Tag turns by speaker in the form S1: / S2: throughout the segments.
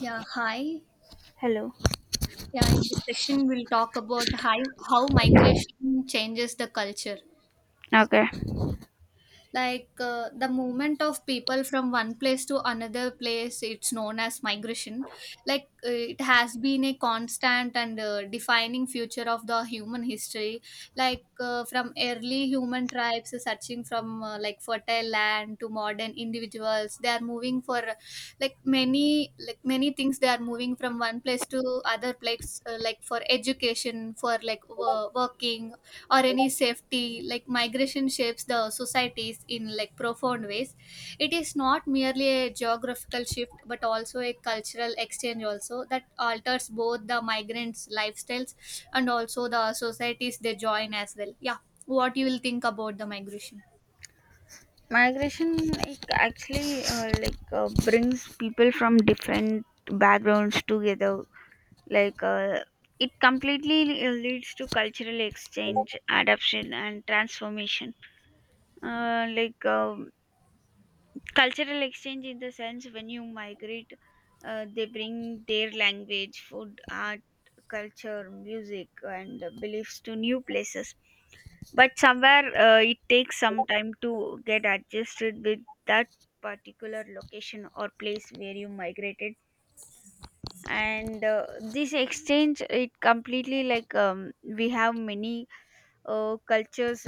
S1: Yeah, hi.
S2: Hello.
S1: Yeah, in this session, we'll talk about how migration changes the culture.
S2: Okay.
S1: The movement of people from one place to another place it's known as migration. It has been a constant and defining feature of the human history. From early human tribes searching from like fertile land to modern individuals, they are moving for like many things. They are moving from one place to other place, like for education, for like working or any safety. Like migration shapes the societies in like profound ways. It is not merely a geographical shift, but also a cultural exchange also that alters both the migrants lifestyles and also the societies they join as well. Yeah, what you will think about the migration?
S2: Migration like actually like brings people from different backgrounds together. Like it completely leads to cultural exchange, adoption, and transformation. Uh, like um Cultural exchange in the sense, when you migrate, they bring their language, food, art, culture, music, and beliefs to new places, but somewhere it takes some time to get adjusted with that particular location or place where you migrated. And this exchange, it completely, we have many cultures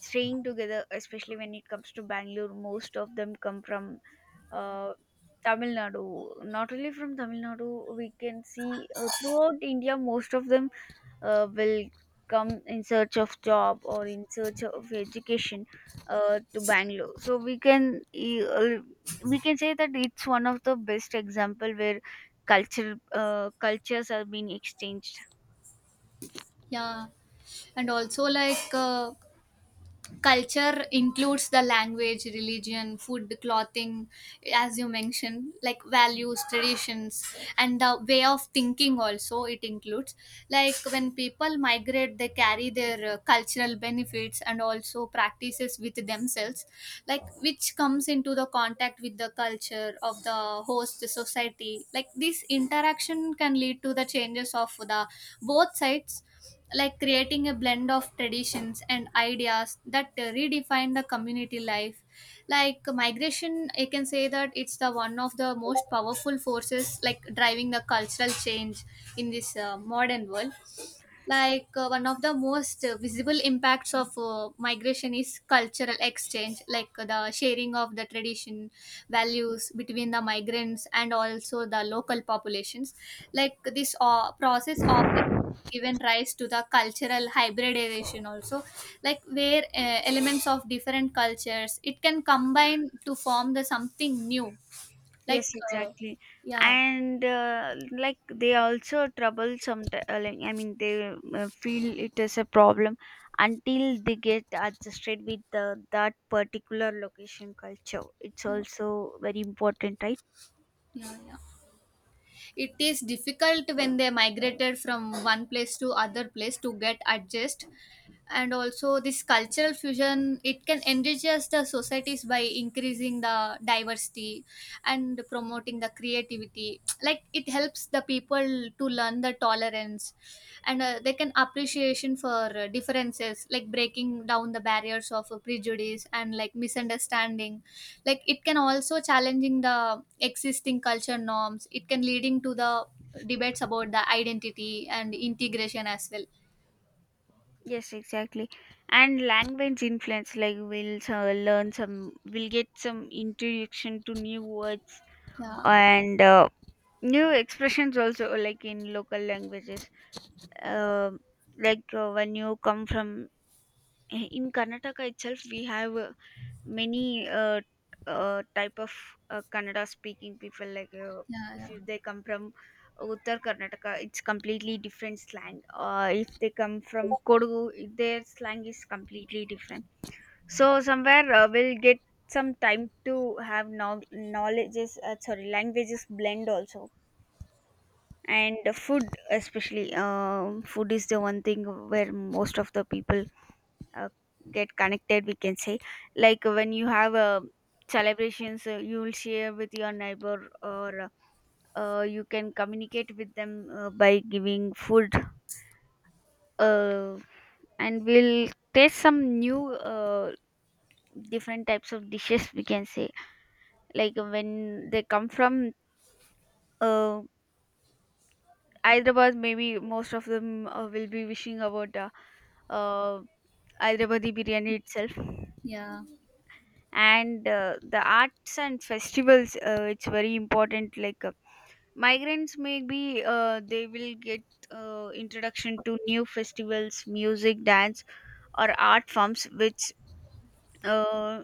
S2: staying together, especially when it comes to Bangalore. Most of them come from uh, Tamil Nadu. Not only from Tamil Nadu, we can see throughout India, most of them will come in search of job or in search of education to Bangalore. So we can say that it's one of the best example where cultures are being exchanged.
S1: Yeah, and also culture includes the language, religion, food, clothing, as you mentioned, like values, traditions, and the way of thinking also it includes. Like when people migrate, they carry their cultural benefits and also practices with themselves, like which comes into the contact with the culture of the host society. Like this interaction can lead to the changes of the both sides, like creating a blend of traditions and ideas that redefine the community life. Like migration, I can say that it's the one of the most powerful forces, like driving the cultural change in this modern world. One of the most visible impacts of migration is cultural exchange, the sharing of the tradition, values between the migrants and also the local populations. Like this process often given rise to the cultural hybridization also, like where elements of different cultures it can combine to form the something new. like
S2: Yes,
S1: uh,
S2: exactly.
S1: yeah.
S2: And like, they also trouble sometimes. I mean, they feel it is a problem until they get adjusted with that particular location culture. It's
S1: Yeah.
S2: also very important, right?
S1: Yeah, it is difficult when they migrated from one place to other place to get adjust. And also this cultural fusion it can enriches the societies by increasing the diversity and promoting the creativity. Like it helps the people to learn the tolerance, and they can appreciation for differences, like breaking down the barriers of prejudice and like misunderstanding. Like it can also challenging the existing culture norms. It can leading to the debates about the identity and integration as well.
S2: Yes, exactly. And language influence, like, we'll get some introduction to new words
S1: Yeah.
S2: and new expressions also, like in local languages. Um when you come from in Karnataka itself, we have many type of Kannada speaking people. like uh,
S1: Yeah.
S2: if
S1: Yeah.
S2: you, they come from Uttar Karnataka, it's completely different slang. If they come from Kodagu, their slang is completely different. So somewhere we'll get some time to have no- knowledges sorry languages blend also. And food, especially food is the one thing where most of the people uh, get connected, we can say. Like when you have celebrations, you will share with your neighbor, or you can communicate with them by giving food. uh, and we'll taste some new different types of dishes, we can say. Like when they come from uh, Hyderabad, maybe most of them will be wishing about uh, Hyderabadi biryani itself.
S1: Yeah.
S2: And the arts and festivals, it's very important. Migrants, maybe they will get introduction to new festivals, music, dance, or art forms which uh,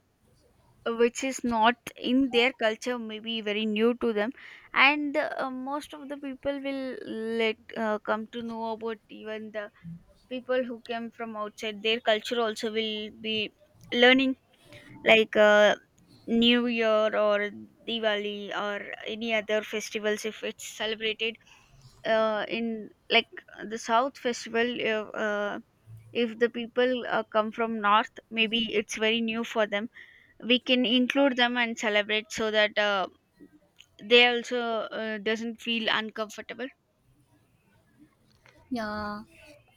S2: which is not in their culture, maybe very new to them. And most of the people will let come to know about, even the people who came from outside their culture also will be learning, like uh, New Year or Diwali or any other festivals. If it's celebrated in like the South festival, if the people come from north, maybe it's very new for them. We can include them and celebrate, so that they also doesn't feel uncomfortable.
S1: Yeah,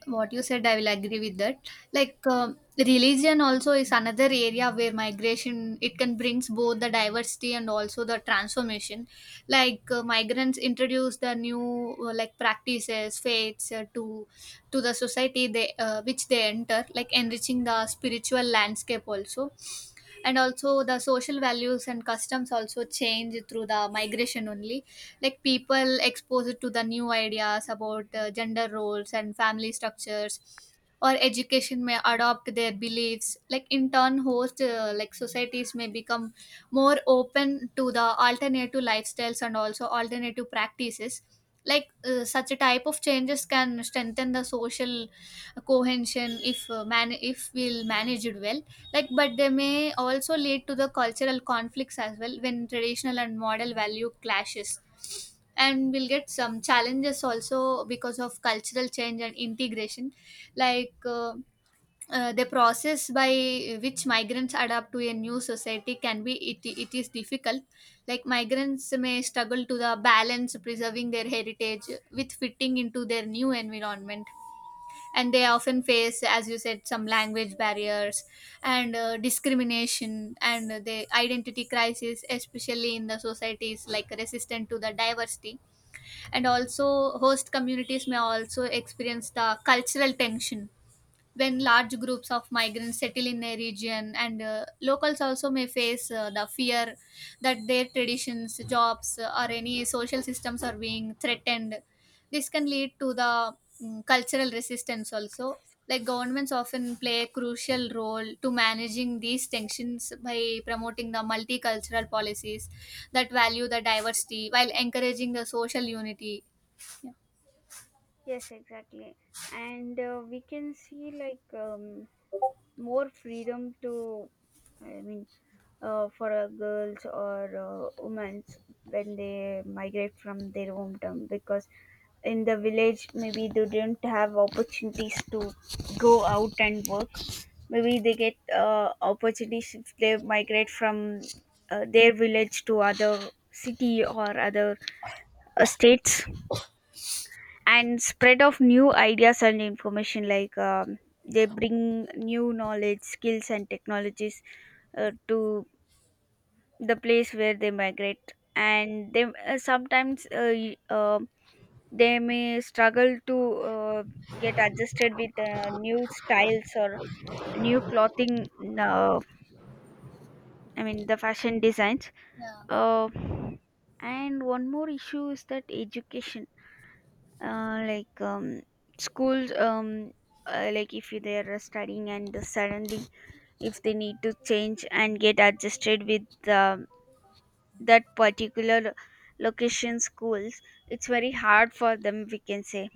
S1: what you said, I will agree with that. Like, um, religion also is another area where migration it can brings both the diversity and also the transformation. Like migrants introduce the new like practices, faiths, to the society they which they enter, like enriching the spiritual landscape also. And also the social values and customs also change through the migration only. Like people exposed to the new ideas about gender roles and family structures or education may adopt their beliefs, like in turn host like societies may become more open to the alternative lifestyles and also alternative practices. Such a type of changes can strengthen the social cohesion if man if we'll manage it well. Like, but they may also lead to the cultural conflicts as well when traditional and model value clashes. And we'll get some challenges also because of cultural change and integration. Like, uh, the process by which migrants adapt to a new society can be it is difficult. Like migrants may struggle to the balance preserving their heritage with fitting into their new environment, and they often face, as you said, some language barriers and discrimination and the identity crisis, especially in the societies like resistant to the diversity. And also host communities may also experience the cultural tension when large groups of migrants settle in a region, and locals also may face the fear that their traditions, jobs, or any social systems are being threatened. This can lead to the cultural resistance also. Like governments often play a crucial role to managing these tensions by promoting the multicultural policies that value the diversity while encouraging the social unity. Yeah.
S2: Yes, exactly. And we can see, more freedom to, I mean, for girls or women when they migrate from their hometown, because in the village maybe they didn't have opportunities to go out and work. Maybe they get opportunities if they migrate from their village to other city or other states. And spread of new ideas and information, they bring new knowledge, skills, and technologies to the place where they migrate. And they sometimes they may struggle to get adjusted with new styles or new clothing, uh, I mean the fashion designs.
S1: Yeah.
S2: uh, and one more issue is that education. uh, like um, Schools, if they are studying and suddenly if they need to change and get adjusted with that particular location schools, it's very hard for them, we can say.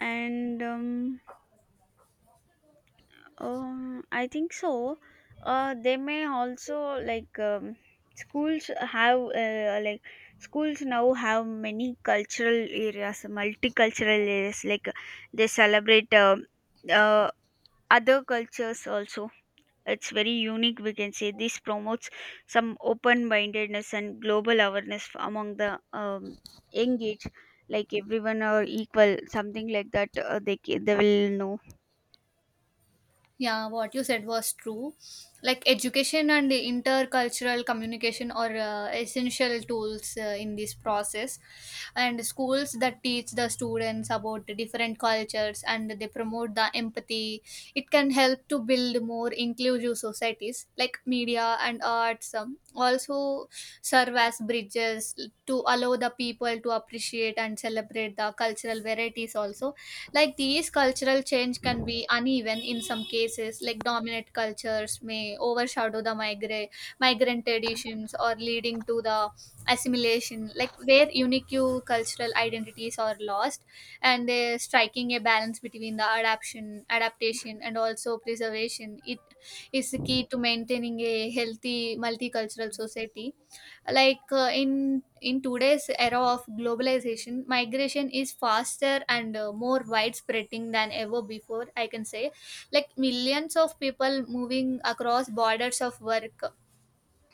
S2: And I think so. They may also, schools have uh, like schools now have many cultural areas, multicultural areas. Like they celebrate uh, other cultures also. It's very unique. We can say this promotes some open-mindedness and global awareness among the young age. Like everyone are equal, something like that. They will know.
S1: Yeah, what you said was true. Like education and the intercultural communication are essential tools in this process. And schools that teach the students about the different cultures and they promote the empathy, it can help to build more inclusive societies. Like media and arts, also serve as bridges to allow the people to appreciate and celebrate the cultural varieties also. Like these cultural change can be uneven in some cases, like dominant cultures may overshadow the migrant traditions or leading to the assimilation, like where unique cultural identities are lost, and they're striking a balance between the adaptation and also preservation. It is the key to maintaining a healthy multicultural society. In today's era of globalization, migration is faster and more widespreading than ever before, I can say. Like millions of people moving across borders of work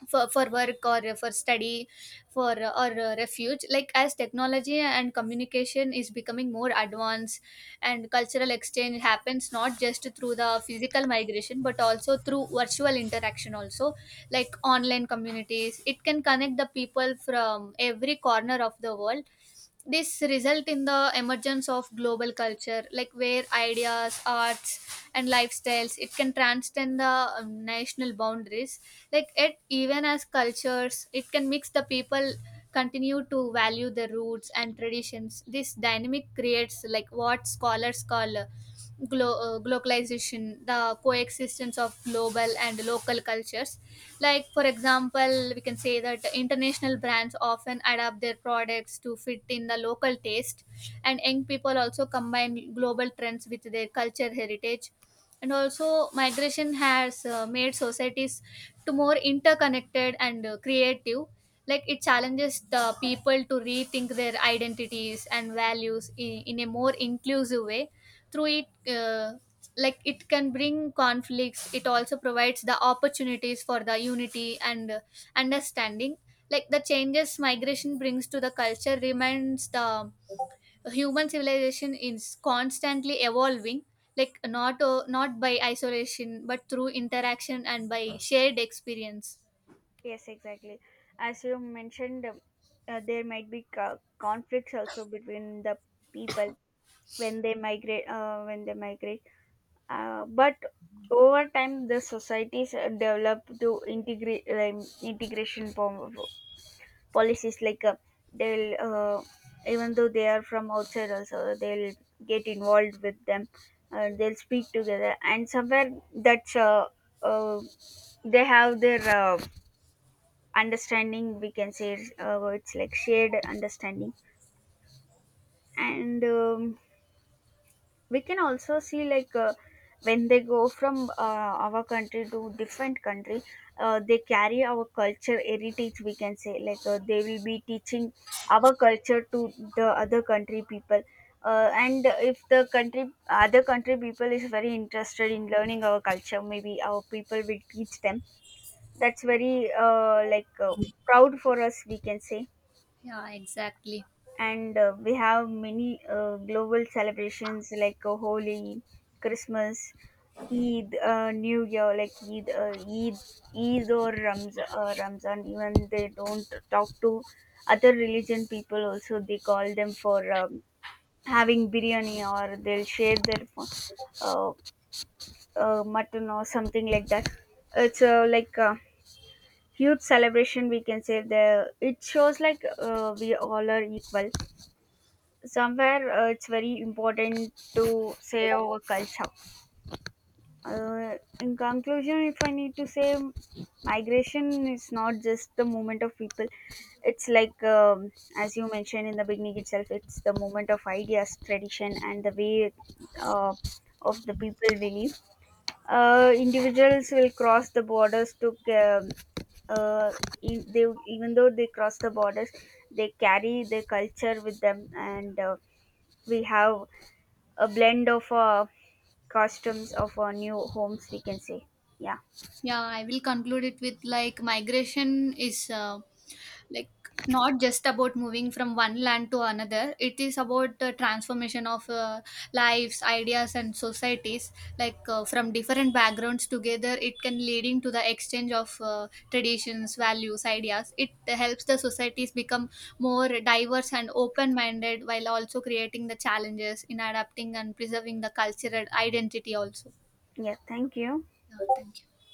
S1: for work or for study, for or refuge. Like as technology and communication is becoming more advanced, and cultural exchange happens not just through the physical migration but also through virtual interaction also. Like online communities it can connect the people from every corner of the world. This result in the emergence of global culture, like where ideas, arts, and lifestyles it can transcend the national boundaries. Like it even as cultures it can mix, the people continue to value their roots and traditions. This dynamic creates like what scholars call globalization, the coexistence of global and local cultures. Like, for example, we can say that international brands often adapt their products to fit in the local taste, and young people also combine global trends with their culture heritage. And also, migration has made societies to more interconnected and creative. Like it challenges the people to rethink their identities and values in a more inclusive way through it. uh, like it can bring conflicts, it also provides the opportunities for the unity and understanding. Like the changes migration brings to the culture remains the human civilization is constantly evolving, like not by isolation but through interaction and by shared experience.
S2: Yes, exactly. As you mentioned, there might be conflicts also between the people when they migrate. But over time, the societies develop to integrate, integration policies. They'll, uh, Even though they are from outside, also they'll get involved with them. They'll speak together, and somewhere that's uh, they have their. Understanding, we can say, it's like shared understanding. And we can also see, when they go from our country to different country, they carry our culture heritage, we can say. They will be teaching our culture to the other country people. And if the country other country people is very interested in learning our culture, maybe our people will teach them. That's very proud for us, we can say.
S1: Yeah, exactly.
S2: And we have many global celebrations, Holi, Christmas, Eid, New Year, like Ramzan. Even they don't talk to other religion people, also they call them for having biryani, or they'll share their uh, mutton or something like that. It's like a huge celebration, we can say. The It shows, like, we all are equal. Somewhere it's very important to save our culture. In conclusion, if I need to say, migration is not just the movement of people. It's like, as you mentioned in the beginning itself, it's the movement of ideas, tradition, and the way uh, of the people believe. Live. Individuals will cross the borders to. Uh, they even though they cross the borders, they carry their culture with them. And we have a blend of costumes of our new homes, we can say. Yeah.
S1: Yeah, I will conclude it with like migration is like not just about moving from one land to another. It is about the transformation of lives, ideas, and societies. From different backgrounds together, it can leading to the exchange of traditions, values, ideas. It helps the societies become more diverse and open minded, while also creating the challenges in adapting and preserving the cultural identity also.
S2: Yeah, thank you.
S1: Yeah, thank you.